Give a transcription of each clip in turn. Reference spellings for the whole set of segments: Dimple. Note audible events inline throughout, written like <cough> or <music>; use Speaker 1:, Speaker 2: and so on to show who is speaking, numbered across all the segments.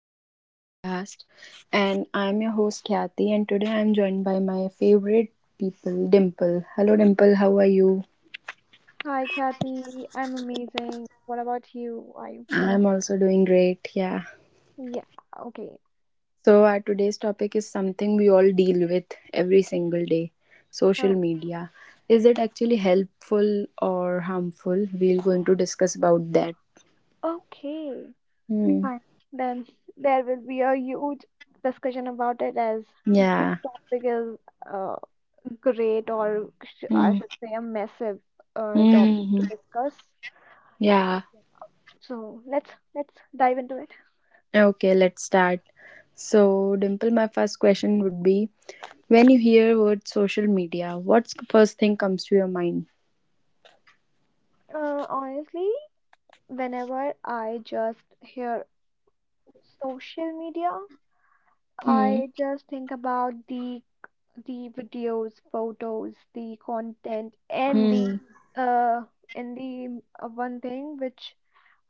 Speaker 1: another podcast. And I'm your host Kathy, and today I'm joined by my favorite people, Dimple. Hello, Dimple, how are you?
Speaker 2: Hi, Kathy. I'm amazing. What about you? Are you feeling
Speaker 1: I'm also doing great, yeah.
Speaker 2: good? Yeah, okay.
Speaker 1: So, our today's topic is something we all deal with every single day social
Speaker 2: Oh,
Speaker 1: media. Is it actually helpful or harmful? We're going to discuss about that.
Speaker 2: okay.
Speaker 1: Hmm.
Speaker 2: Fine. Then there will be a huge discussion about it as this
Speaker 1: Yeah.
Speaker 2: topic is uh, great, or sh I
Speaker 1: Hmm.
Speaker 2: should say, a massive
Speaker 1: Hmm
Speaker 2: topic
Speaker 1: hmm,
Speaker 2: to
Speaker 1: hmm.
Speaker 2: discuss.
Speaker 1: Yeah.
Speaker 2: So let's dive into it.
Speaker 1: Okay, let's start. So, Dimple, my first question would be when you hear word social media, what's the first thing comes to your mind?
Speaker 2: Honestly, whenever I just hear social media,
Speaker 1: Hmm.
Speaker 2: I just think about the videos, photos, the content,
Speaker 1: Hmm.
Speaker 2: uh, and the one thing which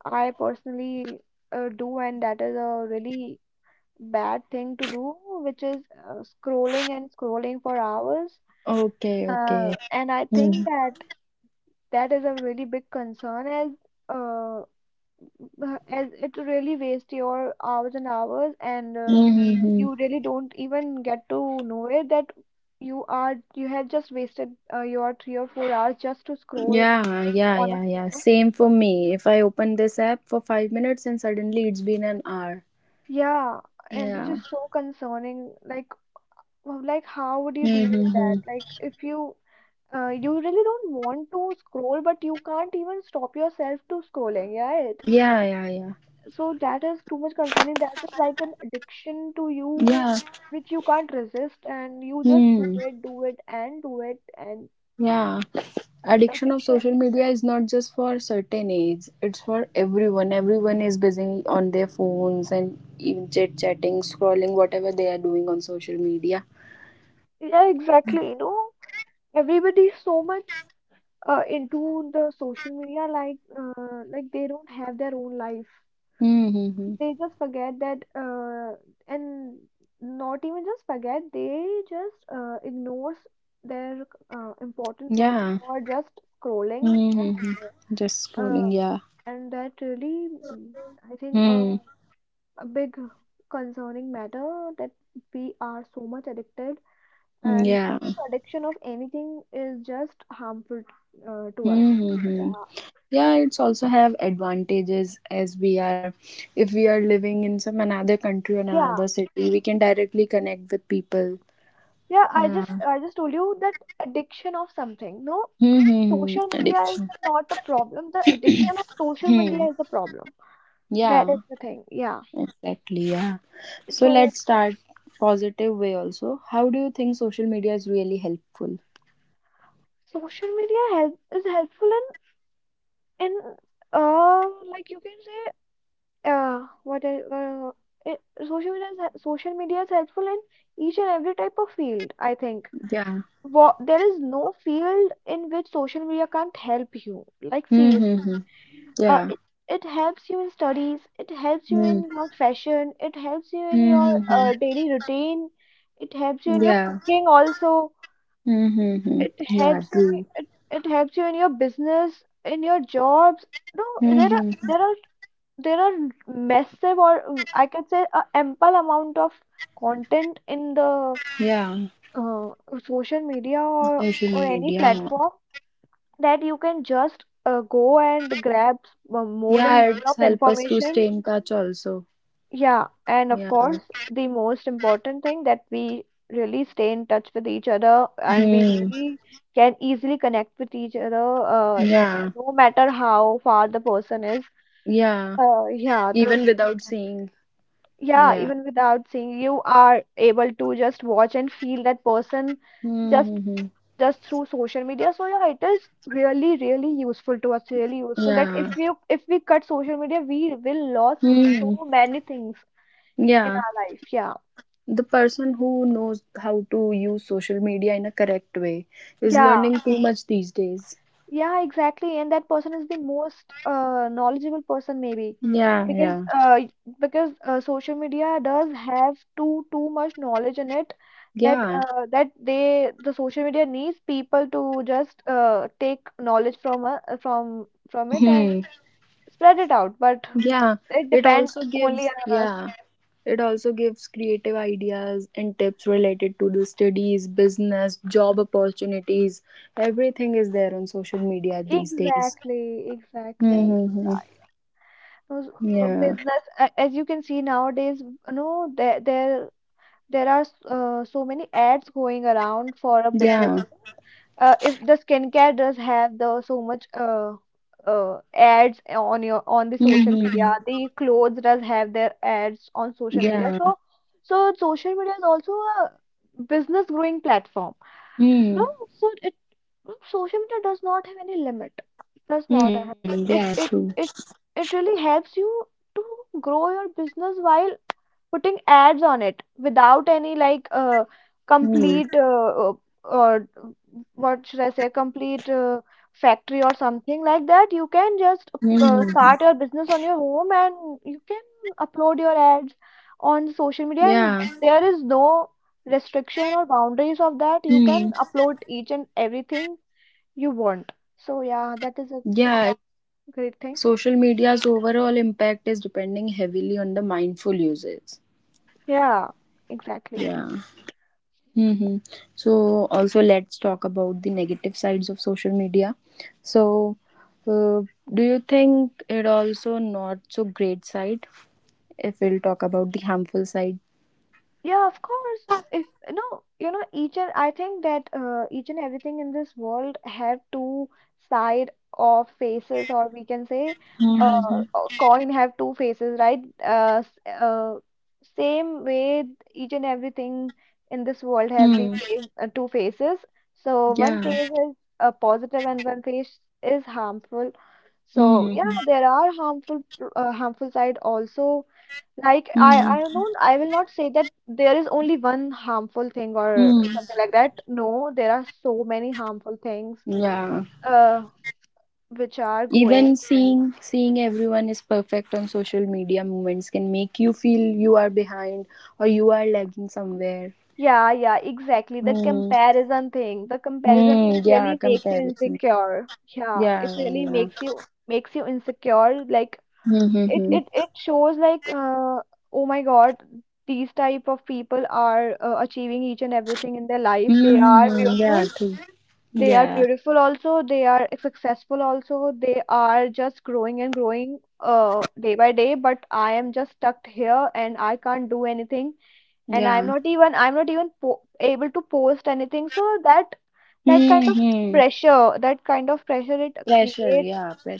Speaker 2: I personally do, and that is a really bad thing to do, which is scrolling and scrolling for hours.
Speaker 1: Okay, okay.
Speaker 2: And I think
Speaker 1: Hmm.
Speaker 2: that is a really big concern uh, as it really waste your hours and hours, and
Speaker 1: Mm-hmm.
Speaker 2: you really don't even get to know it that you have just wasted your 3 or 4 hours just to scroll
Speaker 1: Yeah, yeah,
Speaker 2: on a
Speaker 1: yeah, yeah.
Speaker 2: phone,
Speaker 1: Same for
Speaker 2: so
Speaker 1: me. If I open this app for 5 minutes and suddenly it's been an hour.
Speaker 2: yeah. And which
Speaker 1: Yeah.
Speaker 2: is so concerning, like, well, like, how would you deal with that,
Speaker 1: Mm-hmm.
Speaker 2: like, if you you really don't want to scroll but you can't even stop yourself to scrolling, yeah.
Speaker 1: Yeah, yeah, yeah.
Speaker 2: So that is too much concerning. That is like an addiction to you,
Speaker 1: Yeah.
Speaker 2: which you can't resist, and you just
Speaker 1: Hmm.
Speaker 2: do it, and
Speaker 1: Yeah,
Speaker 2: the
Speaker 1: addiction of
Speaker 2: addiction.
Speaker 1: social media is not just for certain age. It's for everyone. Everyone is busy on their phones and even chit chatting, scrolling, whatever they are doing on social media.
Speaker 2: Yeah, exactly. You know, everybody is so much into the social media, like, like they don't have their own life.
Speaker 1: Mm-hmm.
Speaker 2: They just forget that, and not even just forget, they just ignores their
Speaker 1: Yeah.
Speaker 2: important work for just scrolling.
Speaker 1: Mm-hmm. Just scrolling. Yeah.
Speaker 2: And that really, I think,
Speaker 1: Hmm.
Speaker 2: a big concerning matter that we are so much addicted, and you
Speaker 1: Yeah.
Speaker 2: know, addiction of anything is just harmful to us. So,
Speaker 1: Mm-hmm.
Speaker 2: yeah,
Speaker 1: Yeah, it's also have advantages as we are, if we are living in some another country or
Speaker 2: yeah,
Speaker 1: another city, we can directly connect with people.
Speaker 2: yeah.
Speaker 1: Yeah.
Speaker 2: I just told you that addiction of something. No,
Speaker 1: Mm-hmm.
Speaker 2: social media is
Speaker 1: Addiction.
Speaker 2: not a problem. The addiction of social
Speaker 1: Hmm.
Speaker 2: media is a problem. That is
Speaker 1: Yeah,
Speaker 2: the thing. Yeah.
Speaker 1: exactly. Yeah. So
Speaker 2: So
Speaker 1: let's start positive way also. How do you think social media is really helpful?
Speaker 2: social media help is helpful in like you can say. Yeah, what el- it, social media is helpful in each and every type of field, I think.
Speaker 1: Yeah.
Speaker 2: Wha There is no field in which social media can't help you. Like, seriously,
Speaker 1: Mm-hmm.
Speaker 2: uh,
Speaker 1: Yeah.
Speaker 2: it it helps you in studies, it helps you in your fashion, it helps you in your
Speaker 1: Mm-hmm.
Speaker 2: daily routine, it helps you in your
Speaker 1: Yeah.
Speaker 2: cooking also,
Speaker 1: Mm-hmm.
Speaker 2: it
Speaker 1: Yeah,
Speaker 2: helps in
Speaker 1: true.
Speaker 2: it helps you in your business, in your jobs. No, there are
Speaker 1: Mm-hmm.
Speaker 2: there are there are massive or I can say a ample amount of content in the
Speaker 1: Yeah.
Speaker 2: uh, social media or
Speaker 1: Social
Speaker 2: any
Speaker 1: media.
Speaker 2: platform that you can just go and grab more and
Speaker 1: Yeah,
Speaker 2: more
Speaker 1: it's
Speaker 2: of
Speaker 1: help us to
Speaker 2: information.
Speaker 1: stay in touch also.
Speaker 2: Yeah, and of
Speaker 1: Yeah.
Speaker 2: course, the most important thing that we really stay in touch with each other and we
Speaker 1: Hmm.
Speaker 2: really can easily connect with each other,
Speaker 1: Yeah.
Speaker 2: no matter how far the person is.
Speaker 1: Yeah.
Speaker 2: Uh, yeah, the
Speaker 1: Even without seeing.
Speaker 2: Yeah,
Speaker 1: Yeah.
Speaker 2: even without seeing, you are able to just watch and feel that person just
Speaker 1: Mm-hmm.
Speaker 2: just through social media. So yeah, it is really, really useful to us, really useful that
Speaker 1: Yeah.
Speaker 2: if we cut social media, we will lost
Speaker 1: Hmm.
Speaker 2: so many things in
Speaker 1: Yeah.
Speaker 2: our life. Yeah.
Speaker 1: The person who knows how to use social media in a correct way is
Speaker 2: Yeah.
Speaker 1: learning too much these days.
Speaker 2: Yeah, exactly. And that person is the most knowledgeable person maybe
Speaker 1: Yeah, yeah.
Speaker 2: because uh, because social media does have too much knowledge in it that
Speaker 1: Yeah.
Speaker 2: the social media needs people to just take knowledge from from it and
Speaker 1: Hmm.
Speaker 2: spread it out. But
Speaker 1: Yeah,
Speaker 2: it
Speaker 1: it
Speaker 2: depends
Speaker 1: also
Speaker 2: only
Speaker 1: gives,
Speaker 2: on us.
Speaker 1: yeah, it also gives creative ideas and tips related to the studies, business, job opportunities. Everything is there on social media these days.
Speaker 2: Exactly, exactly.
Speaker 1: Mm-hmm.
Speaker 2: Those,
Speaker 1: Yeah,
Speaker 2: business, as you can see nowadays, you know, there are so many ads going around for a business.
Speaker 1: yeah.
Speaker 2: If the skincare does have the so much ads on your on the social
Speaker 1: Mm-hmm.
Speaker 2: media, the clothes does have their ads on social media.
Speaker 1: Yeah.
Speaker 2: So, so social media is also a business growing platform. No,
Speaker 1: Hmm.
Speaker 2: so it no, social media does not have any limit. Does not
Speaker 1: Hmm,
Speaker 2: have
Speaker 1: yeah,
Speaker 2: it
Speaker 1: true.
Speaker 2: it it it really helps you to grow your business while putting ads on it without any, like,
Speaker 1: Hmm.
Speaker 2: complete or what should I say, complete, factory or something like that. You can just
Speaker 1: Hmm hmm.
Speaker 2: start your business on your home and you can upload your ads on social media, and
Speaker 1: Yeah.
Speaker 2: there is no restriction or boundaries of that. You can
Speaker 1: Hmm.
Speaker 2: upload each and everything you want, so yeah, that is a
Speaker 1: Yeah.
Speaker 2: great thing.
Speaker 1: Social media's overall impact is depending heavily on the mindful usage.
Speaker 2: Yeah, exactly.
Speaker 1: Yeah. Mm-hmm. So also let's talk about the negative sides of social media. So, uh, do you think it also not so great side? If we'll talk about the harmful side.
Speaker 2: Yeah, of course. If no, you know, each and I think that each and everything in this world have two side of faces, or we can say, uh,
Speaker 1: Mm-hmm.
Speaker 2: a coin have two faces, right? Same way, each and everything in this world have
Speaker 1: Hmm.
Speaker 2: the same two faces. So one
Speaker 1: Yeah.
Speaker 2: face is positive, and one face is harmful. So yeah,
Speaker 1: Mm-hmm.
Speaker 2: there are harmful side also. Like, I
Speaker 1: Mm-hmm.
Speaker 2: don't, I will not say that there is only one harmful thing or
Speaker 1: Hmm.
Speaker 2: something like that. No, there are so many harmful things
Speaker 1: Yeah.
Speaker 2: uh which are going.
Speaker 1: Even seeing everyone is perfect on social media moments can make you feel you are behind or you are lagging somewhere.
Speaker 2: Yeah, yeah, exactly. The
Speaker 1: Hmm.
Speaker 2: comparison thing. The comparison
Speaker 1: Hmm.
Speaker 2: thing
Speaker 1: Yeah.
Speaker 2: really makes you
Speaker 1: Comparison.
Speaker 2: insecure. Yeah,
Speaker 1: Yeah.
Speaker 2: it
Speaker 1: Yeah.
Speaker 2: really
Speaker 1: Yeah.
Speaker 2: makes you insecure. Like,
Speaker 1: Hmm. Hmm.
Speaker 2: it
Speaker 1: Hmm.
Speaker 2: it it shows like, oh my God, these type of people are achieving each and everything in their life.
Speaker 1: Hmm,
Speaker 2: They
Speaker 1: hmm,
Speaker 2: are
Speaker 1: hmm. Yeah.
Speaker 2: beautiful.
Speaker 1: True.
Speaker 2: They are
Speaker 1: Yeah.
Speaker 2: beautiful also, they are successful also, they are just growing and growing day by day, but I am just stuck here and I can't do anything, and
Speaker 1: Yeah.
Speaker 2: I'm not even po able to post anything. So that,
Speaker 1: Hmm.
Speaker 2: that kind of
Speaker 1: Hmm.
Speaker 2: pressure, that kind of pressure it
Speaker 1: Pressure. Yeah.
Speaker 2: creates,
Speaker 1: Pressure.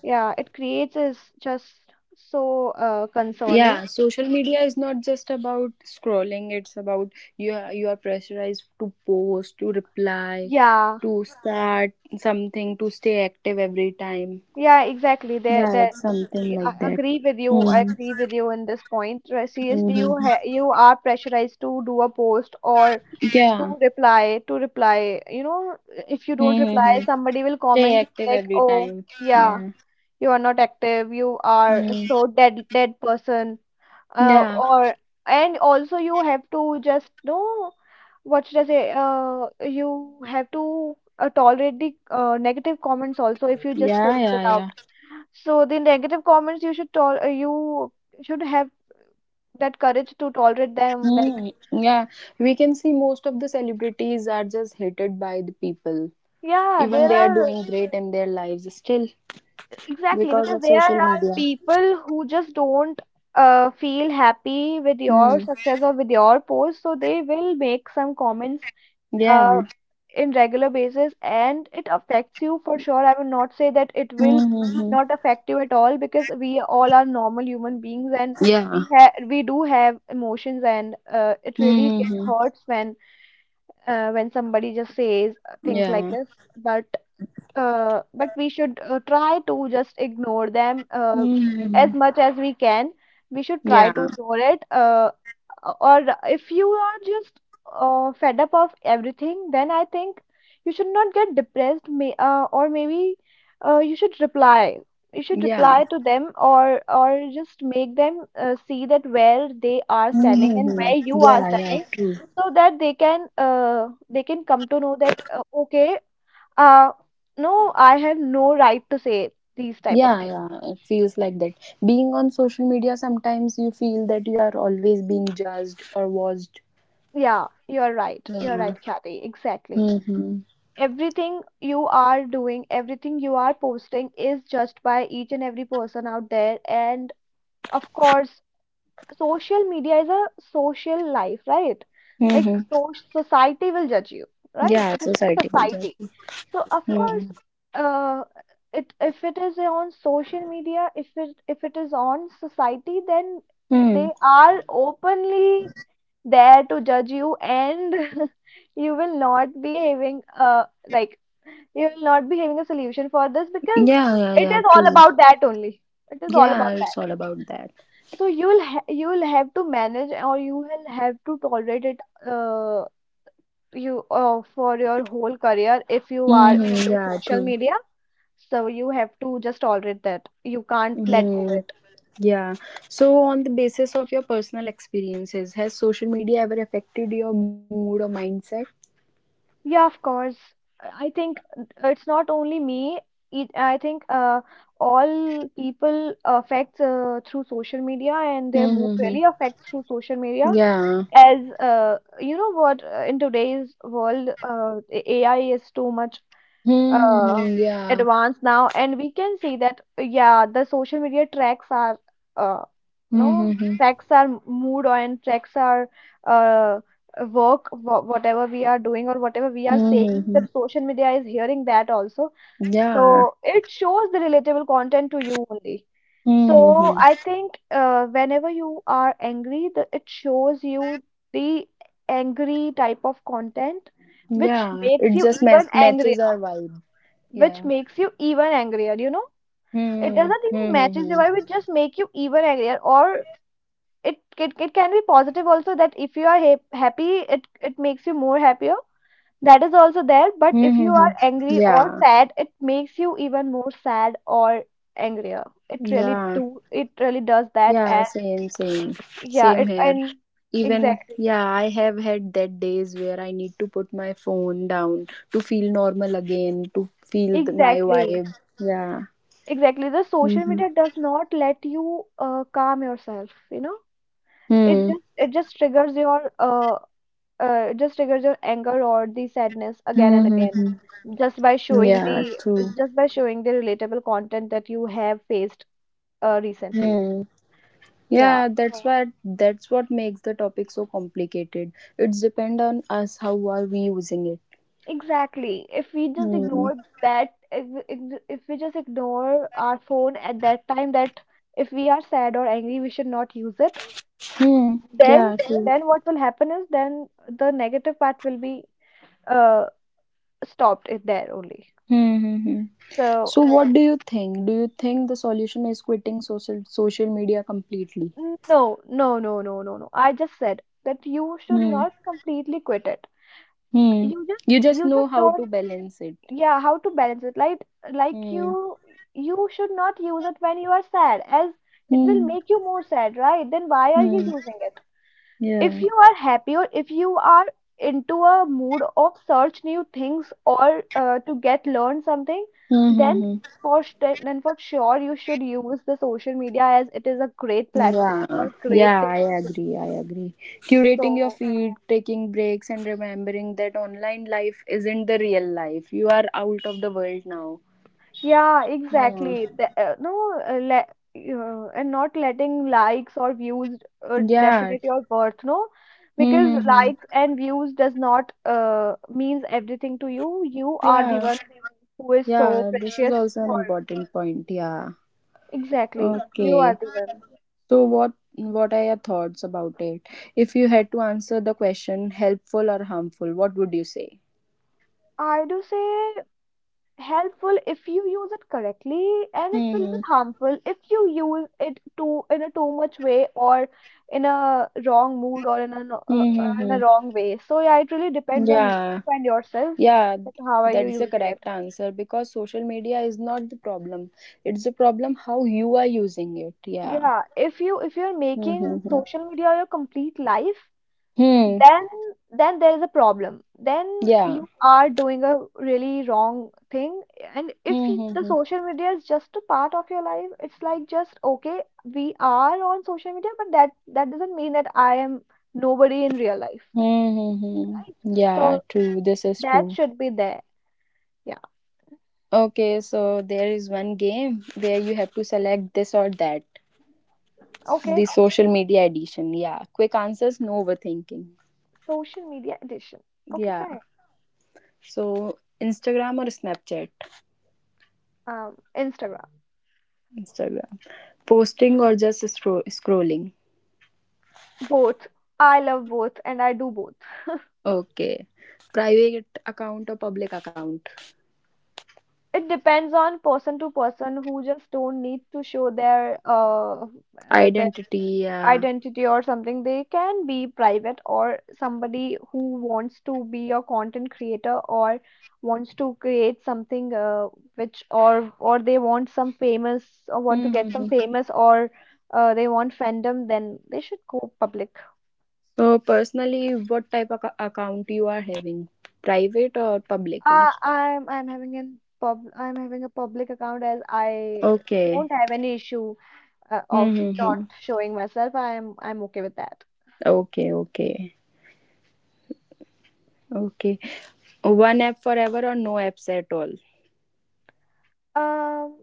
Speaker 2: yeah, it creates, is just so
Speaker 1: Yeah,
Speaker 2: concerning.
Speaker 1: social media is not just about scrolling, it's about you are pressurized to post, to reply,
Speaker 2: Yeah,
Speaker 1: to start something, to stay active every time.
Speaker 2: yeah, exactly. There,
Speaker 1: Yeah,
Speaker 2: there
Speaker 1: it's something
Speaker 2: Yeah,
Speaker 1: like
Speaker 2: I
Speaker 1: that.
Speaker 2: agree with you. I
Speaker 1: Hmm.
Speaker 2: agree with you in this point. Seriously,
Speaker 1: Hmm.
Speaker 2: you are pressurized to do a post or to
Speaker 1: Yeah.
Speaker 2: reply, to reply. You know, if you don't reply,
Speaker 1: Hmm.
Speaker 2: somebody will
Speaker 1: Stay
Speaker 2: comment
Speaker 1: active
Speaker 2: you like,
Speaker 1: every
Speaker 2: "Oh,
Speaker 1: time.
Speaker 2: yeah,
Speaker 1: Yeah.
Speaker 2: you are not active. You are
Speaker 1: Mm.
Speaker 2: so dead, dead person." Uh,
Speaker 1: Yeah,
Speaker 2: or and also you have to just know, what should I say? You have to tolerate the negative comments also if you just
Speaker 1: yeah,
Speaker 2: post it
Speaker 1: yeah,
Speaker 2: out.
Speaker 1: yeah.
Speaker 2: So the negative comments you should tol you should have that courage to tolerate them. Like,
Speaker 1: Hmm. Yeah, we can see most of the celebrities are just hated by the people.
Speaker 2: yeah,
Speaker 1: Even
Speaker 2: there
Speaker 1: they are
Speaker 2: are
Speaker 1: doing great in their lives, still
Speaker 2: exactly,
Speaker 1: because
Speaker 2: because
Speaker 1: of
Speaker 2: there
Speaker 1: social
Speaker 2: are
Speaker 1: media.
Speaker 2: people who just don't feel happy with your
Speaker 1: Mm.
Speaker 2: success or with your post, so they will make some comments uh,
Speaker 1: Yeah.
Speaker 2: in regular basis, and it affects you for sure. I will not say that it will
Speaker 1: Mm-hmm.
Speaker 2: not affect you at all, because we all are normal human beings and
Speaker 1: Yeah.
Speaker 2: we do have emotions, and it really get
Speaker 1: Mm-hmm.
Speaker 2: hurts when somebody just says things like
Speaker 1: Yeah.
Speaker 2: this, but but we should try to just ignore them
Speaker 1: Mm-hmm.
Speaker 2: as much as we can. We should try
Speaker 1: Yeah.
Speaker 2: to ignore it, or if you are just fed up of everything, then I think you should not get depressed, or maybe you should reply. You should
Speaker 1: Yeah.
Speaker 2: reply to them, or just make them see that where they are standing and
Speaker 1: Mm-hmm.
Speaker 2: where you are
Speaker 1: Yeah. Yeah.
Speaker 2: standing,
Speaker 1: True.
Speaker 2: so that they can come to know that, okay, uh, no, I have no right to say these type of
Speaker 1: Yeah.
Speaker 2: things.
Speaker 1: Yeah. It feels like that. Being on social media, sometimes you feel that you are always being judged or watched.
Speaker 2: Yeah, you're right. You're
Speaker 1: Yeah.
Speaker 2: right, Kathy. Exactly.
Speaker 1: Mm-hmm.
Speaker 2: Everything you are doing, everything you are posting is judged by each and every person out there. And of course, social media is a social life, right? Like,
Speaker 1: Mm-hmm.
Speaker 2: so society will judge you, right?
Speaker 1: Yeah.
Speaker 2: It is a
Speaker 1: Society will judge.
Speaker 2: society. So of
Speaker 1: Mm-hmm.
Speaker 2: course, uh, it, if it is on social media, if it is on society, then
Speaker 1: Mm.
Speaker 2: they are openly there to judge you, and <laughs> you will not be having, like, you will not be having a solution for this, because
Speaker 1: Yeah. Yeah.
Speaker 2: it
Speaker 1: Yeah.
Speaker 2: is all
Speaker 1: True.
Speaker 2: about that only. It is all
Speaker 1: Yeah.
Speaker 2: about
Speaker 1: It's
Speaker 2: that.
Speaker 1: all about that.
Speaker 2: So you will you will have to manage, or you will have to tolerate it, uh, you for your whole career if you are
Speaker 1: Mm-hmm.
Speaker 2: into
Speaker 1: Yeah.
Speaker 2: social
Speaker 1: True.
Speaker 2: media. So you have to just tolerate that. You can't let go.
Speaker 1: Mm-hmm. Yeah. So, on the basis of your personal experiences, has social media ever affected your mood or mindset?
Speaker 2: Yeah, of course. I think it's not only me. I think all people affects through social media, and their mood
Speaker 1: Mm-hmm.
Speaker 2: really affects through social media.
Speaker 1: Yeah.
Speaker 2: As you know, what in today's world, AI is too much uh,
Speaker 1: Mm-hmm. Yeah.
Speaker 2: advanced now, and we can see that, yeah, the social media tracks are uh, no
Speaker 1: Mm-hmm.
Speaker 2: tracks our mood and tracks our uh, work, whatever we are doing or whatever we are saying.
Speaker 1: Mm-hmm.
Speaker 2: That social media is hearing that also,
Speaker 1: Yeah.
Speaker 2: so it shows the relatable content to you only. So
Speaker 1: Mm-hmm.
Speaker 2: I think whenever you are angry, it shows you the angry type of content which
Speaker 1: Yeah.
Speaker 2: makes
Speaker 1: It
Speaker 2: you
Speaker 1: just
Speaker 2: even angrier,
Speaker 1: matches our vibe.
Speaker 2: which
Speaker 1: Yeah.
Speaker 2: makes you even angrier you know It
Speaker 1: Mm-hmm.
Speaker 2: doesn't even
Speaker 1: Mm-hmm.
Speaker 2: matches your vibe, it just make you even angrier, or it can be positive also that if you are happy, it makes you more happier. That is also there, but if
Speaker 1: Mm-hmm.
Speaker 2: you are angry
Speaker 1: Yeah.
Speaker 2: or sad it makes you even more sad or angrier. It really
Speaker 1: Yeah.
Speaker 2: do, it really does that.
Speaker 1: Yeah.
Speaker 2: And
Speaker 1: Same. Same.
Speaker 2: yeah,
Speaker 1: Same
Speaker 2: it
Speaker 1: here.
Speaker 2: and
Speaker 1: Even,
Speaker 2: exactly,
Speaker 1: yeah, I have had that days where I need to put my phone down to feel normal again, to feel the, my
Speaker 2: exactly,
Speaker 1: vibe. Yeah.
Speaker 2: exactly, the social
Speaker 1: Mm-hmm.
Speaker 2: media does not let you calm yourself. it
Speaker 1: Hmm.
Speaker 2: just it just triggers your just triggers your anger or the sadness again and again,
Speaker 1: Mm-hmm.
Speaker 2: just by showing
Speaker 1: Yeah,
Speaker 2: the
Speaker 1: true.
Speaker 2: just by showing the relatable content that you have faced recently.
Speaker 1: Hmm.
Speaker 2: Yeah,
Speaker 1: Yeah, that's
Speaker 2: so
Speaker 1: what that's what makes the topic so complicated. It's depend on us how are we using it.
Speaker 2: exactly, if we just
Speaker 1: Hmm.
Speaker 2: ignore that, if we just ignore our phone at that time, that if we are sad or angry we should not use it.
Speaker 1: Hmm.
Speaker 2: then
Speaker 1: Yeah, true.
Speaker 2: then what will happen is, then the negative part will be uh, stopped it there only.
Speaker 1: Hmm. Hmm hmm.
Speaker 2: So
Speaker 1: So, what do you think? Do you think the solution is quitting social media completely?
Speaker 2: no, no, no, no, no, no. I just said that you should
Speaker 1: Hmm.
Speaker 2: not completely quit it.
Speaker 1: Hmm. You just
Speaker 2: You
Speaker 1: know
Speaker 2: just
Speaker 1: how to
Speaker 2: don't,
Speaker 1: balance it.
Speaker 2: yeah, how to balance it. Like
Speaker 1: Hmm.
Speaker 2: you, you should not use it when you are sad, as it will
Speaker 1: Hmm.
Speaker 2: make you more sad, right? Then why are you
Speaker 1: Hmm.
Speaker 2: using it? If
Speaker 1: Yeah.
Speaker 2: you are happy, or if you are into a mood of search new things, or to get learn something, then
Speaker 1: Mm-hmm.
Speaker 2: for st then for sure you should use the social media, as it is a great platform
Speaker 1: Yeah.
Speaker 2: or great
Speaker 1: Yeah,
Speaker 2: thing
Speaker 1: I
Speaker 2: to do.
Speaker 1: agree. I agree. Curating your
Speaker 2: So,
Speaker 1: feed, taking breaks, and remembering that online life isn't the real life. You are out of the world now.
Speaker 2: yeah,
Speaker 1: Yeah.
Speaker 2: exactly. The, no, le And not letting likes or views
Speaker 1: Yeah.
Speaker 2: definite your worth, no? Because
Speaker 1: Mm-hmm.
Speaker 2: likes and views does not means everything to you. You are the
Speaker 1: Yeah.
Speaker 2: one who is so
Speaker 1: Yeah. This is
Speaker 2: precious
Speaker 1: also an
Speaker 2: for.
Speaker 1: important point. Yeah.
Speaker 2: Exactly. You are
Speaker 1: Okay.
Speaker 2: the one.
Speaker 1: So what are your thoughts about it? If you had to answer the question helpful or harmful, what would you say?
Speaker 2: I do say helpful if you use it correctly, and it will be
Speaker 1: Mm-hmm.
Speaker 2: harmful if you use it too, in a too much way, or in a wrong mood, or in a in a
Speaker 1: Mm-hmm.
Speaker 2: wrong way. So yeah, it really depends on you
Speaker 1: Yeah.
Speaker 2: and yourself,
Speaker 1: Yeah,
Speaker 2: that how are you
Speaker 1: that's the
Speaker 2: using it.
Speaker 1: correct answer because social media is not the problem. It's the problem how you are using it. Yeah.
Speaker 2: Yeah, if you're making
Speaker 1: Mm-hmm.
Speaker 2: social media your complete life,
Speaker 1: Hmm.
Speaker 2: then then there is a problem. Then you
Speaker 1: Yeah.
Speaker 2: are doing a really wrong thing. And if you- the
Speaker 1: Mm-hmm.
Speaker 2: social media is just a part of your life, it's like just okay, we are on social media, but that doesn't mean that I am nobody in real life, right?
Speaker 1: Mm-hmm. Yeah,
Speaker 2: So
Speaker 1: true. This is
Speaker 2: that
Speaker 1: true.
Speaker 2: should be there. Yeah.
Speaker 1: Okay, so there is one game where you have to select this or that.
Speaker 2: Okay,
Speaker 1: The social media edition. Yeah. Quick answers, no overthinking.
Speaker 2: social media edition. Okay,
Speaker 1: Yeah.
Speaker 2: fine.
Speaker 1: So, Instagram or Snapchat?
Speaker 2: um Instagram.
Speaker 1: Instagram. Posting or just scrolling?
Speaker 2: Both, I love both and I do both.
Speaker 1: Okay. Private account or public account?
Speaker 2: It depends on person to person. Who just don't need to show their
Speaker 1: Identity. Yeah.
Speaker 2: identity or something, they can be private. Or somebody who wants to be a content creator, or wants to create something, which, or they want some famous, or want to get some
Speaker 1: Mm-hmm.
Speaker 2: famous, or they want fandom, then they should go public.
Speaker 1: So, personally, what type of account you are having? Private or publicly?
Speaker 2: I'm having a public account, as I don't
Speaker 1: Okay.
Speaker 2: have any issue of not
Speaker 1: Mm-hmm.
Speaker 2: showing myself, I'm okay with that.
Speaker 1: Okay, okay, okay. One app forever or no apps at all?
Speaker 2: Um,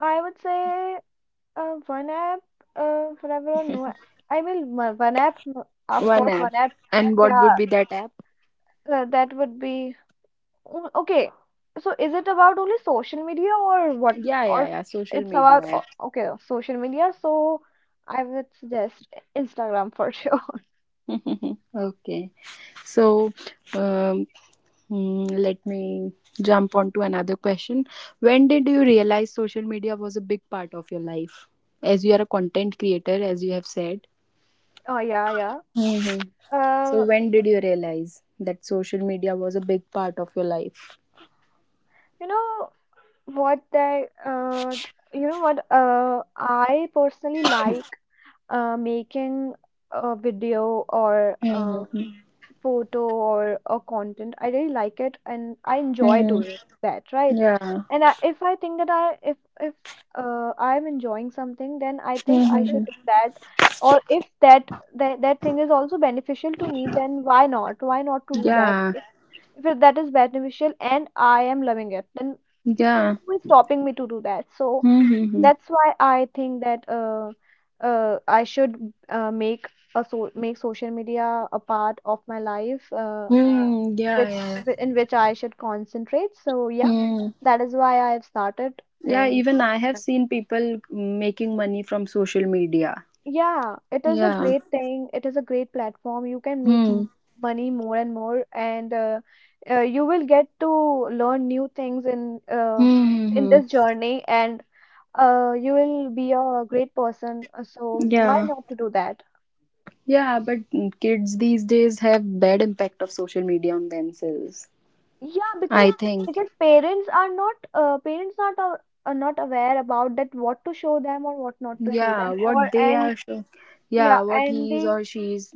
Speaker 2: I would say one app forever or no app. One app, of
Speaker 1: One
Speaker 2: course,
Speaker 1: app.
Speaker 2: one app.
Speaker 1: And what
Speaker 2: Yeah,
Speaker 1: would be that app?
Speaker 2: that would be, mm, okay. So, is it about only social media or what?
Speaker 1: Yeah, yeah,
Speaker 2: Or
Speaker 1: yeah. Social
Speaker 2: it's
Speaker 1: media
Speaker 2: about
Speaker 1: app.
Speaker 2: o- okay, social media. So, I would suggest Instagram for sure.
Speaker 1: <laughs> okay. So, um, let me jump on to another question. When did you realize social media was a big part of your life? As you are a content creator, as you have said.
Speaker 2: <laughs> Oh yeah, yeah.
Speaker 1: Hmm. So,
Speaker 2: Uh,
Speaker 1: when did you realize that social media was a big part of your life?
Speaker 2: you know, What that you know what I personally like making a video, or a
Speaker 1: Mm-hmm.
Speaker 2: photo, or a content. I really like it and I enjoy
Speaker 1: Mm,
Speaker 2: doing that, right?
Speaker 1: yeah.
Speaker 2: And I, if I think that I if I'm enjoying something, then I think I
Speaker 1: Hmm.
Speaker 2: should do that. Or if that thing is also beneficial to me, then why not? Why not to do that?
Speaker 1: Yeah.
Speaker 2: If that is beneficial and I am loving it, then
Speaker 1: Yeah.
Speaker 2: who is stopping me to do that? So
Speaker 1: Hmm.
Speaker 2: that's why I think that I should make social media a part of my life,
Speaker 1: Hmm. Yeah.
Speaker 2: which
Speaker 1: Yeah.
Speaker 2: in which I should concentrate. So yeah,
Speaker 1: Mm.
Speaker 2: that is why I have started.
Speaker 1: Yeah,
Speaker 2: and
Speaker 1: even I have
Speaker 2: and
Speaker 1: seen people making money from social media.
Speaker 2: yeah, it is a
Speaker 1: Yeah.
Speaker 2: great thing. It is a great platform. You can make
Speaker 1: Hmm.
Speaker 2: money more and more, and you will get to learn new things
Speaker 1: Hmm. Hmm,
Speaker 2: in this
Speaker 1: hmm.
Speaker 2: journey, and you will be a great person. So why
Speaker 1: Yeah.
Speaker 2: not to do that?
Speaker 1: Yeah, but kids these days have bad impact of social media on themselves.
Speaker 2: Yeah,
Speaker 1: I
Speaker 2: because
Speaker 1: think.
Speaker 2: parents are not, parents not are, are not aware about that, what to show them or what not to show
Speaker 1: Yeah,
Speaker 2: them.
Speaker 1: what
Speaker 2: Or
Speaker 1: they
Speaker 2: and
Speaker 1: are show-.
Speaker 2: Yeah,
Speaker 1: Yeah, what
Speaker 2: and
Speaker 1: he is
Speaker 2: they,
Speaker 1: or she is.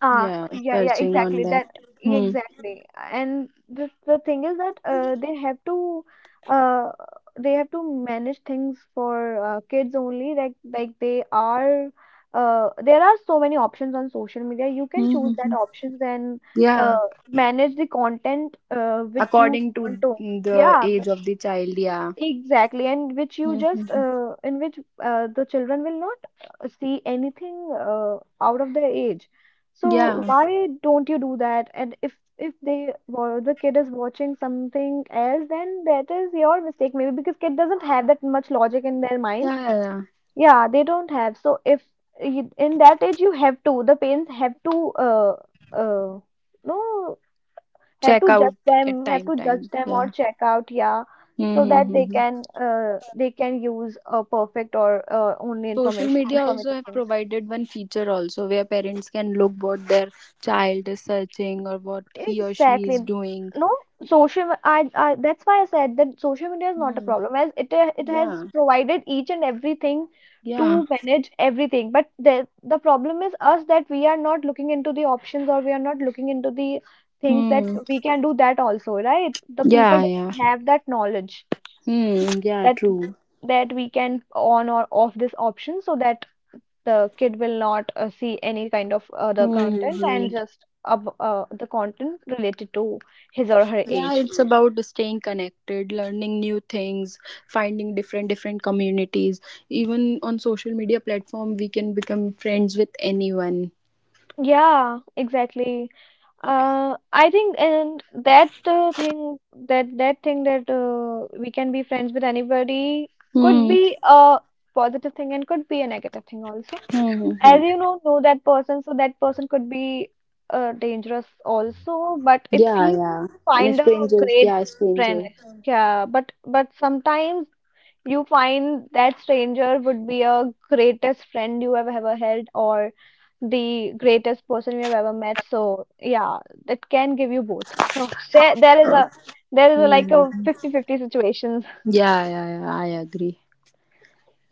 Speaker 2: ah,
Speaker 1: Yeah,
Speaker 2: yeah, yeah,
Speaker 1: searching on
Speaker 2: exactly.
Speaker 1: that.
Speaker 2: That Yeah,
Speaker 1: Hmm.
Speaker 2: exactly. And the thing is that uh they have to manage things for kids only. They are, there are so many options on social media. You can
Speaker 1: Hmm. Hmm,
Speaker 2: choose that
Speaker 1: hmm.
Speaker 2: options and
Speaker 1: Yeah,
Speaker 2: uh manage the content which you
Speaker 1: according
Speaker 2: want
Speaker 1: to
Speaker 2: to.
Speaker 1: the
Speaker 2: Yeah,
Speaker 1: age of the child. Yeah.
Speaker 2: exactly, and which you
Speaker 1: Hmm. Hmm,
Speaker 2: just,
Speaker 1: hmm.
Speaker 2: in which the children will not see anything out of their age. So
Speaker 1: Yeah.
Speaker 2: why don't you do that? And if they the kid is watching something else, then that is your mistake, maybe, because kid doesn't have that much logic in their mind.
Speaker 1: Yeah. Yeah. Yeah.
Speaker 2: Yeah, they don't have. So if you, in that age, you have to, the parents have to, uh, no
Speaker 1: Check out at
Speaker 2: have
Speaker 1: time
Speaker 2: to judge
Speaker 1: time.
Speaker 2: them, or
Speaker 1: Yeah.
Speaker 2: check out, yeah, so that they
Speaker 1: Mm-hmm.
Speaker 2: can, they can use a perfect, or only
Speaker 1: Social
Speaker 2: information
Speaker 1: media also
Speaker 2: informative
Speaker 1: have
Speaker 2: things.
Speaker 1: provided one feature also where parents can look what their child is searching or what he or she
Speaker 2: Exactly.
Speaker 1: is doing.
Speaker 2: No, social, I, that's why I said that social media is not a
Speaker 1: Hmm.
Speaker 2: problem, as it it has
Speaker 1: Yeah.
Speaker 2: provided each and everything
Speaker 1: Yeah.
Speaker 2: to manage everything, but the problem is us, that we are not looking into the options, or we are not looking into the things that
Speaker 1: Hmm.
Speaker 2: we can do that also, right? The people
Speaker 1: Yeah.
Speaker 2: do
Speaker 1: Yeah.
Speaker 2: not have that knowledge,
Speaker 1: Hmm. Yeah.
Speaker 2: that
Speaker 1: True.
Speaker 2: that we can on or off this option, so that the kid will not see any kind of other content, and
Speaker 1: Hmm.
Speaker 2: just the content related to his or her
Speaker 1: Yeah,
Speaker 2: age.
Speaker 1: it's about staying connected, learning new things, finding different communities. Even on social media platform, we can become friends with anyone.
Speaker 2: Yeah, exactly. I think and that thing that that thing, that we can be friends with anybody, could
Speaker 1: Hmm.
Speaker 2: be a positive thing and could be a negative thing also.
Speaker 1: Hmm.
Speaker 2: As you know that person, so that person could be dangerous also. But if
Speaker 1: Yeah,
Speaker 2: you
Speaker 1: yeah. And a
Speaker 2: find a
Speaker 1: stranger,
Speaker 2: great
Speaker 1: yeah, a
Speaker 2: friend,
Speaker 1: stranger.
Speaker 2: yeah, but sometimes you find that stranger would be a greatest friend you have ever held, or the greatest person you have ever met. So yeah, that can give you both. So
Speaker 1: Oh.
Speaker 2: there is a, like,
Speaker 1: Mhm.
Speaker 2: a 50-50 situations.
Speaker 1: Yeah, yeah, yeah, I agree.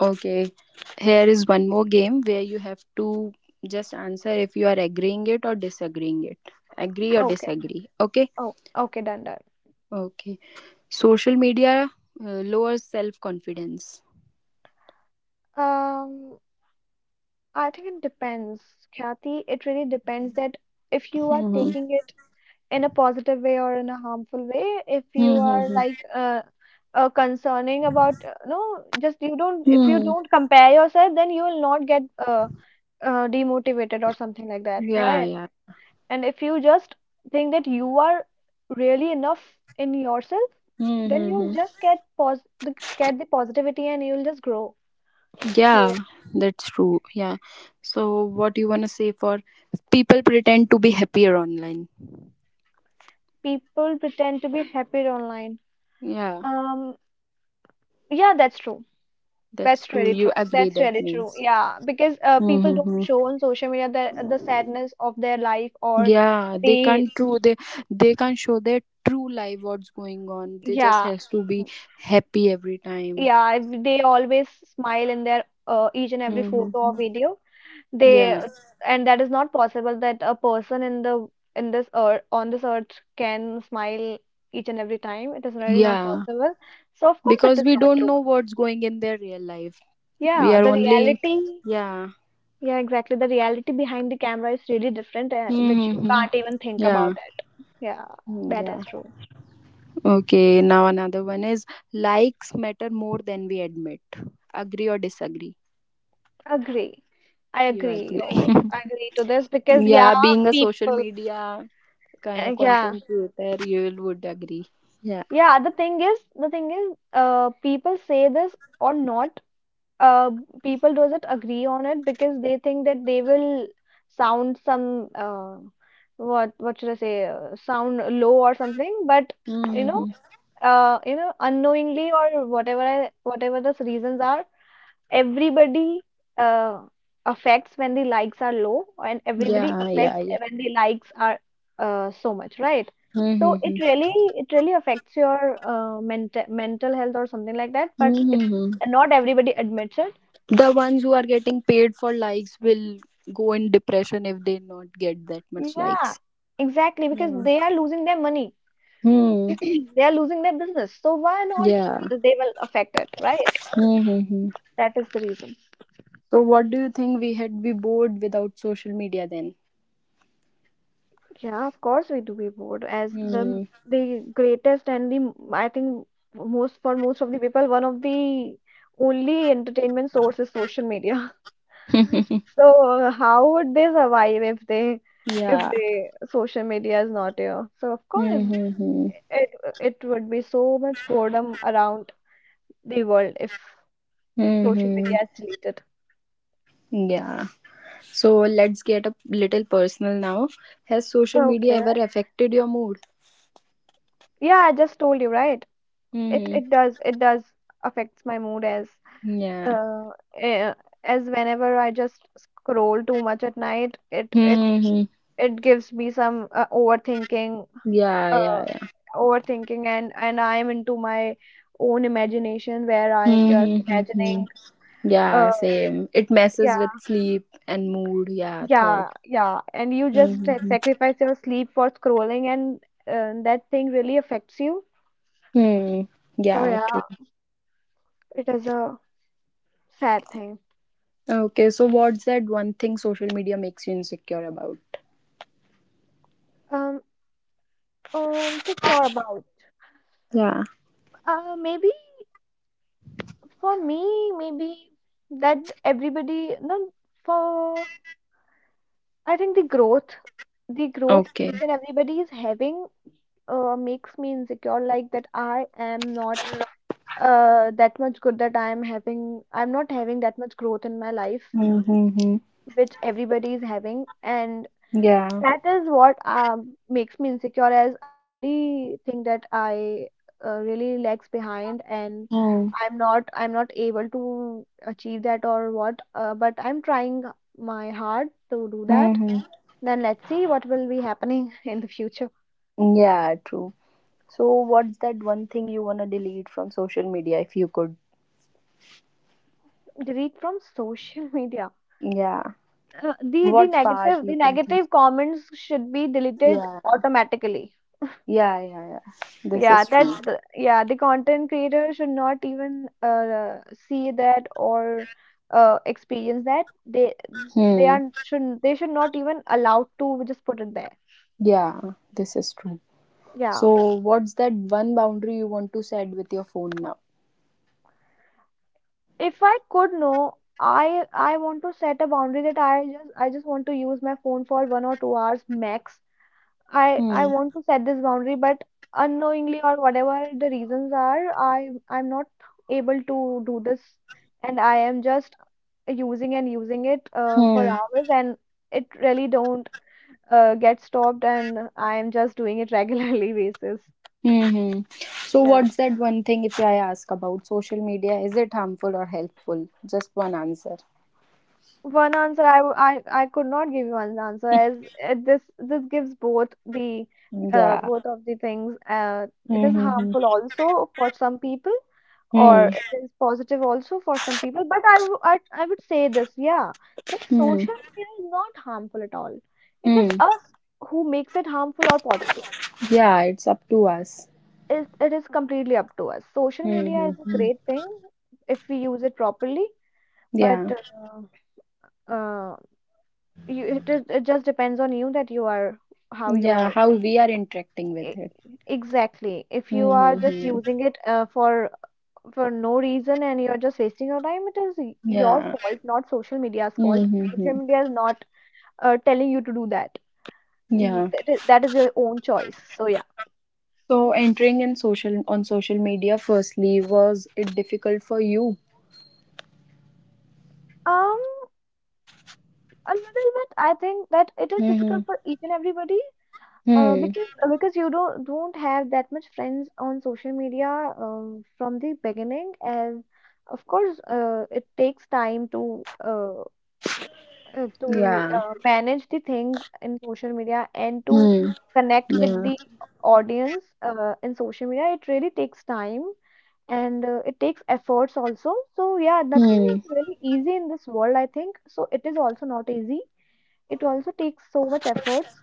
Speaker 1: Okay. Here is one more game where you have to just answer if you are agreeing it or disagreeing it. Agree
Speaker 2: <laughs>
Speaker 1: or
Speaker 2: Okay,
Speaker 1: disagree. Okay?
Speaker 2: oh okay, done, done.
Speaker 1: Okay. Social media lowers self confidence.
Speaker 2: um I think it depends, Kathy. It really depends that, if you are
Speaker 1: Mm-hmm.
Speaker 2: taking it in a positive way or in a harmful way, if you are like, concerning about, just you don't, if you
Speaker 1: Mm-hmm.
Speaker 2: don't compare yourself, then you will not get demotivated or something like that,
Speaker 1: Yeah,
Speaker 2: right?
Speaker 1: yeah.
Speaker 2: And if you just think that you are really enough in yourself, then you'll
Speaker 1: Mm-hmm.
Speaker 2: just get get the positivity and you'll just grow. So
Speaker 1: Yeah,
Speaker 2: yeah.
Speaker 1: that's true. Yeah. So, what do you want to say for people pretend to be happier online?
Speaker 2: People pretend to be happier online.
Speaker 1: Yeah,
Speaker 2: Um, Yeah, that's true.
Speaker 1: that's
Speaker 2: That's
Speaker 1: true.
Speaker 2: really
Speaker 1: You
Speaker 2: true.
Speaker 1: agree,
Speaker 2: That's
Speaker 1: that
Speaker 2: really true.
Speaker 1: means.
Speaker 2: Yeah, because people don't
Speaker 1: Mm-hmm.
Speaker 2: show on social media the sadness of their life, or
Speaker 1: Yeah, they
Speaker 2: they
Speaker 1: can't true, they can't show their true life what's going on. They just
Speaker 2: yeah,
Speaker 1: has to be happy every time.
Speaker 2: yeah, they always smile in their each and every photo or
Speaker 1: Mm-hmm.
Speaker 2: video.
Speaker 1: Yeah,
Speaker 2: They And that is not possible, that a person in this earth, on this earth, can smile each and every time. It is really not
Speaker 1: yeah.
Speaker 2: possible. So of course it
Speaker 1: Because
Speaker 2: is
Speaker 1: we
Speaker 2: not
Speaker 1: don't
Speaker 2: true.
Speaker 1: know what's going in their real life. We
Speaker 2: Yeah,
Speaker 1: are
Speaker 2: the
Speaker 1: only,
Speaker 2: reality,
Speaker 1: yeah.
Speaker 2: yeah, exactly. The reality behind the camera is really different, which you
Speaker 1: Mm-hmm.
Speaker 2: can't even think
Speaker 1: Yeah.
Speaker 2: about it. Yeah,
Speaker 1: Mm,
Speaker 2: that
Speaker 1: yeah.
Speaker 2: is true.
Speaker 1: Okay, now another one is likes matter more than we admit. Agree or disagree?
Speaker 2: Agree. I
Speaker 1: You
Speaker 2: agree.
Speaker 1: agree.
Speaker 2: Oh,
Speaker 1: <laughs>
Speaker 2: I agree to this, because yeah,
Speaker 1: yeah, being a social
Speaker 2: people,
Speaker 1: media kind of
Speaker 2: yeah,
Speaker 1: content creator, you will would agree. Yeah.
Speaker 2: yeah. The thing is, people say this or not. Uh, people doesn't agree on it, because they think that they will sound some, what should I say, sound low or something. But you know,
Speaker 1: Hmm.
Speaker 2: unknowingly, whatever the reasons are, everybody uh, affects when the likes are low, and everybody
Speaker 1: Yeah,
Speaker 2: affects
Speaker 1: yeah, yeah.
Speaker 2: when the likes are so much, right? So
Speaker 1: Hmm.
Speaker 2: it really affects your mental health or something like that. But it,
Speaker 1: Hmm.
Speaker 2: not everybody admits it.
Speaker 1: The ones who are getting paid for likes will go in depression if they not get that much
Speaker 2: Yeah,
Speaker 1: likes.
Speaker 2: exactly, because
Speaker 1: Yeah.
Speaker 2: they are losing their money, <clears throat>
Speaker 1: Hmm.
Speaker 2: they are losing their business. So why not?
Speaker 1: Yeah.
Speaker 2: They will affect it, right?
Speaker 1: Hmm.
Speaker 2: That is the reason.
Speaker 1: So what do you think we had be bored without social media then?
Speaker 2: Yeah, of course we do be bored as the m-
Speaker 1: Hmm.
Speaker 2: the greatest and the I think most for most of the people one of the only entertainment source is social media. <laughs>
Speaker 1: <laughs>
Speaker 2: So how would they survive if
Speaker 1: yeah.
Speaker 2: they social media is not here? So of course
Speaker 1: Mm-hmm.
Speaker 2: it it would be so much boredom around the world if social
Speaker 1: Mm-hmm.
Speaker 2: media is deleted.
Speaker 1: Yeah. So let's get a little personal now. Has social media
Speaker 2: Okay.
Speaker 1: ever affected your mood?
Speaker 2: Yeah, I just told you, right? It
Speaker 1: Mm-hmm.
Speaker 2: it does it does affects my mood as
Speaker 1: Yeah.
Speaker 2: uh, eh, as whenever I just scroll too much at night, it it
Speaker 1: Mm-hmm.
Speaker 2: it gives me some overthinking,
Speaker 1: Yeah,
Speaker 2: uh,
Speaker 1: yeah, yeah.
Speaker 2: overthinking, and I am into my own imagination where I am just
Speaker 1: Mm-hmm.
Speaker 2: imagining, uh,
Speaker 1: Yeah, same. It messes with
Speaker 2: yeah,
Speaker 1: sleep and mood. Yeah, thought.
Speaker 2: yeah, and you just
Speaker 1: Mm-hmm.
Speaker 2: sacrifice your sleep for scrolling, and that thing really affects you.
Speaker 1: Hmm. Hmm. Hmm.
Speaker 2: So
Speaker 1: Yeah,
Speaker 2: yeah,
Speaker 1: true.
Speaker 2: it is a sad thing.
Speaker 1: Okay, so what's that one thing social media makes you insecure about?
Speaker 2: Um, insecure about,
Speaker 1: Yeah.
Speaker 2: maybe. For me, maybe that everybody, no, for I think the growth
Speaker 1: Okay.
Speaker 2: each and everybody is having makes me insecure, like that I am not that much good that I am having, I'm not having that much growth in my life,
Speaker 1: Mm-hmm.
Speaker 2: which everybody is having. And
Speaker 1: Yeah.
Speaker 2: that is what makes me insecure, as I really think that I really lags behind, and
Speaker 1: Hmm.
Speaker 2: I'm not able to achieve that or what. But I'm trying my hard to do that.
Speaker 1: Hmm.
Speaker 2: Then let's see what will be happening <laughs> in the future.
Speaker 1: Hmm. Yeah, true. So, what's that one thing you wanna delete from social media if you could?
Speaker 2: Delete from social media.
Speaker 1: Yeah.
Speaker 2: The the
Speaker 1: What part
Speaker 2: negative the
Speaker 1: you can keep?
Speaker 2: negative comments should be deleted
Speaker 1: Yeah.
Speaker 2: automatically.
Speaker 1: Yeah, yeah, yeah. This
Speaker 2: Yeah,
Speaker 1: is
Speaker 2: that
Speaker 1: true.
Speaker 2: the, yeah, the content creator should not even see that or experience that. They they
Speaker 1: Hmm.
Speaker 2: are should they should not even allowed to just put it there.
Speaker 1: Yeah, this is true.
Speaker 2: Yeah,
Speaker 1: So, what's that one boundary you want to set with your phone now?
Speaker 2: if I could know, I want to set a boundary that I just want to use my phone for 1 or 2 hours max. I
Speaker 1: Hmm.
Speaker 2: want to set this boundary, but unknowingly or whatever the reasons are, I'm not able to do this, and I am just using and using it for
Speaker 1: Hmm.
Speaker 2: hours, and it really don't get stopped, and I am just doing it regularly <laughs> basis.
Speaker 1: Mm-hmm. So,
Speaker 2: Yeah.
Speaker 1: what's that one thing if I ask about social media? Is it harmful or helpful? Just one answer.
Speaker 2: One answer I I could not give you one answer as it, this gives both the
Speaker 1: Yeah.
Speaker 2: both of the things. It is
Speaker 1: Mm-hmm.
Speaker 2: harmful also for some people or
Speaker 1: Hmm.
Speaker 2: it is positive also for some people, but I I would say this, yeah, that
Speaker 1: Hmm.
Speaker 2: social media is not harmful at all. It is
Speaker 1: Hmm.
Speaker 2: us who makes it harmful or positive.
Speaker 1: Yeah, it's up to us.
Speaker 2: It is completely up to us. Social media is a
Speaker 1: Mm-hmm.
Speaker 2: great thing if we use it properly, but
Speaker 1: Yeah.
Speaker 2: uh, you, it, is, it just depends on you that you are how you
Speaker 1: Yeah,
Speaker 2: are.
Speaker 1: how we are interacting with
Speaker 2: e-
Speaker 1: it.
Speaker 2: exactly, if you are just
Speaker 1: Mm-hmm.
Speaker 2: using it for no reason and you're just wasting your time, it is your
Speaker 1: Yeah.
Speaker 2: fault, not social media's fault.
Speaker 1: Mm-hmm.
Speaker 2: Social media is not telling you to do that.
Speaker 1: Yeah.
Speaker 2: That is your own choice. So yeah.
Speaker 1: So entering in social, on social media firstly, was it difficult for you?
Speaker 2: Um, a little bit. I think that it is
Speaker 1: Mm-hmm.
Speaker 2: difficult for each and everybody.
Speaker 1: Hmm.
Speaker 2: Because you don't have that much friends on social media from the beginning, as of course it takes time to
Speaker 1: Yeah.
Speaker 2: manage the things in social media and to
Speaker 1: Hmm.
Speaker 2: connect with
Speaker 1: Yeah.
Speaker 2: the audience in social media, it really takes time and it takes efforts also. So, yeah, nothing
Speaker 1: Hmm.
Speaker 2: is really easy in this world, I think. So, it is also not easy. It also takes so much efforts.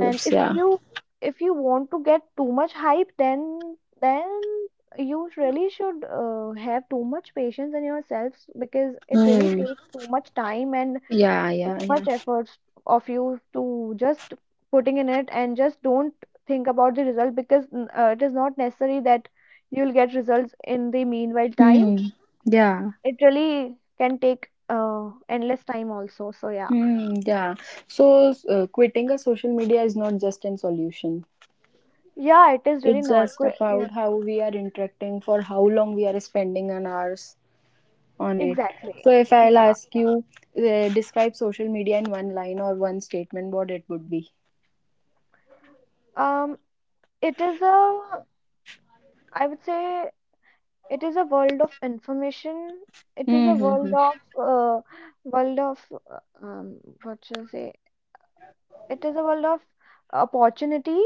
Speaker 2: And
Speaker 1: yeah.
Speaker 2: if you want to get too much hype, then you really should have too much patience in yourselves because it really
Speaker 1: Hmm.
Speaker 2: takes too much time and
Speaker 1: Yeah,
Speaker 2: too
Speaker 1: yeah, yeah.
Speaker 2: much efforts of you to just putting in it and just don't think about the result because it is not necessary that you'll get results in the meanwhile time.
Speaker 1: Hmm. Yeah.
Speaker 2: It really can take endless time also, so yeah.
Speaker 1: Hmm. Yeah. So quitting a social media is not just an solution.
Speaker 2: Yeah, it is really
Speaker 1: It's
Speaker 2: not
Speaker 1: just
Speaker 2: yeah,
Speaker 1: about how we are interacting, for how long we are spending an hours on it.
Speaker 2: exactly.
Speaker 1: So if I'll
Speaker 2: Yeah.
Speaker 1: ask you, describe social media in one line or one statement, what it would be?
Speaker 2: Um, it is a, I would say it is a world of information. It is a
Speaker 1: Mm-hmm.
Speaker 2: uh, world of um what should I say, it is a world of opportunity.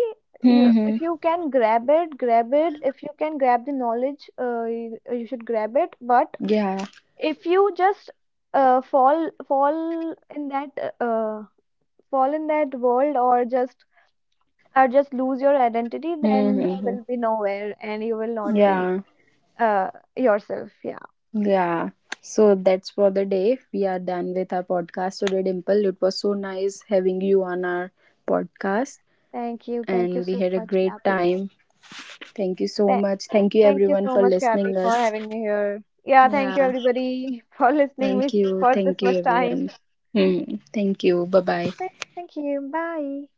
Speaker 2: You,
Speaker 1: Mm-hmm.
Speaker 2: if you can grab it, grab it. If you can grab the knowledge, you, you should grab it. But
Speaker 1: Yeah.
Speaker 2: if you just fall in that uh, uh, fall in that world, or just lose your identity, then you
Speaker 1: Mm-hmm.
Speaker 2: will be nowhere and you will not be
Speaker 1: Yeah.
Speaker 2: uh, yourself. Yeah,
Speaker 1: Yeah. So that's for the day. We are done with our podcast today, Dimple. It was so nice having you on our podcast
Speaker 2: thank you
Speaker 1: and we
Speaker 2: so
Speaker 1: had a
Speaker 2: much,
Speaker 1: great
Speaker 2: Kathy.
Speaker 1: time. Thank you so
Speaker 2: Th-
Speaker 1: much. Thank you
Speaker 2: Thank you
Speaker 1: everyone
Speaker 2: so
Speaker 1: for
Speaker 2: much, Kathy,
Speaker 1: listening
Speaker 2: for
Speaker 1: us.
Speaker 2: having me here. Yeah, thank you
Speaker 1: Yeah.
Speaker 2: everybody <laughs> for listening
Speaker 1: Thank
Speaker 2: me
Speaker 1: you.
Speaker 2: for
Speaker 1: Thank
Speaker 2: this
Speaker 1: you,
Speaker 2: much time.
Speaker 1: everyone. Hmm. Thank you. Bye bye.
Speaker 2: Thank you. Bye.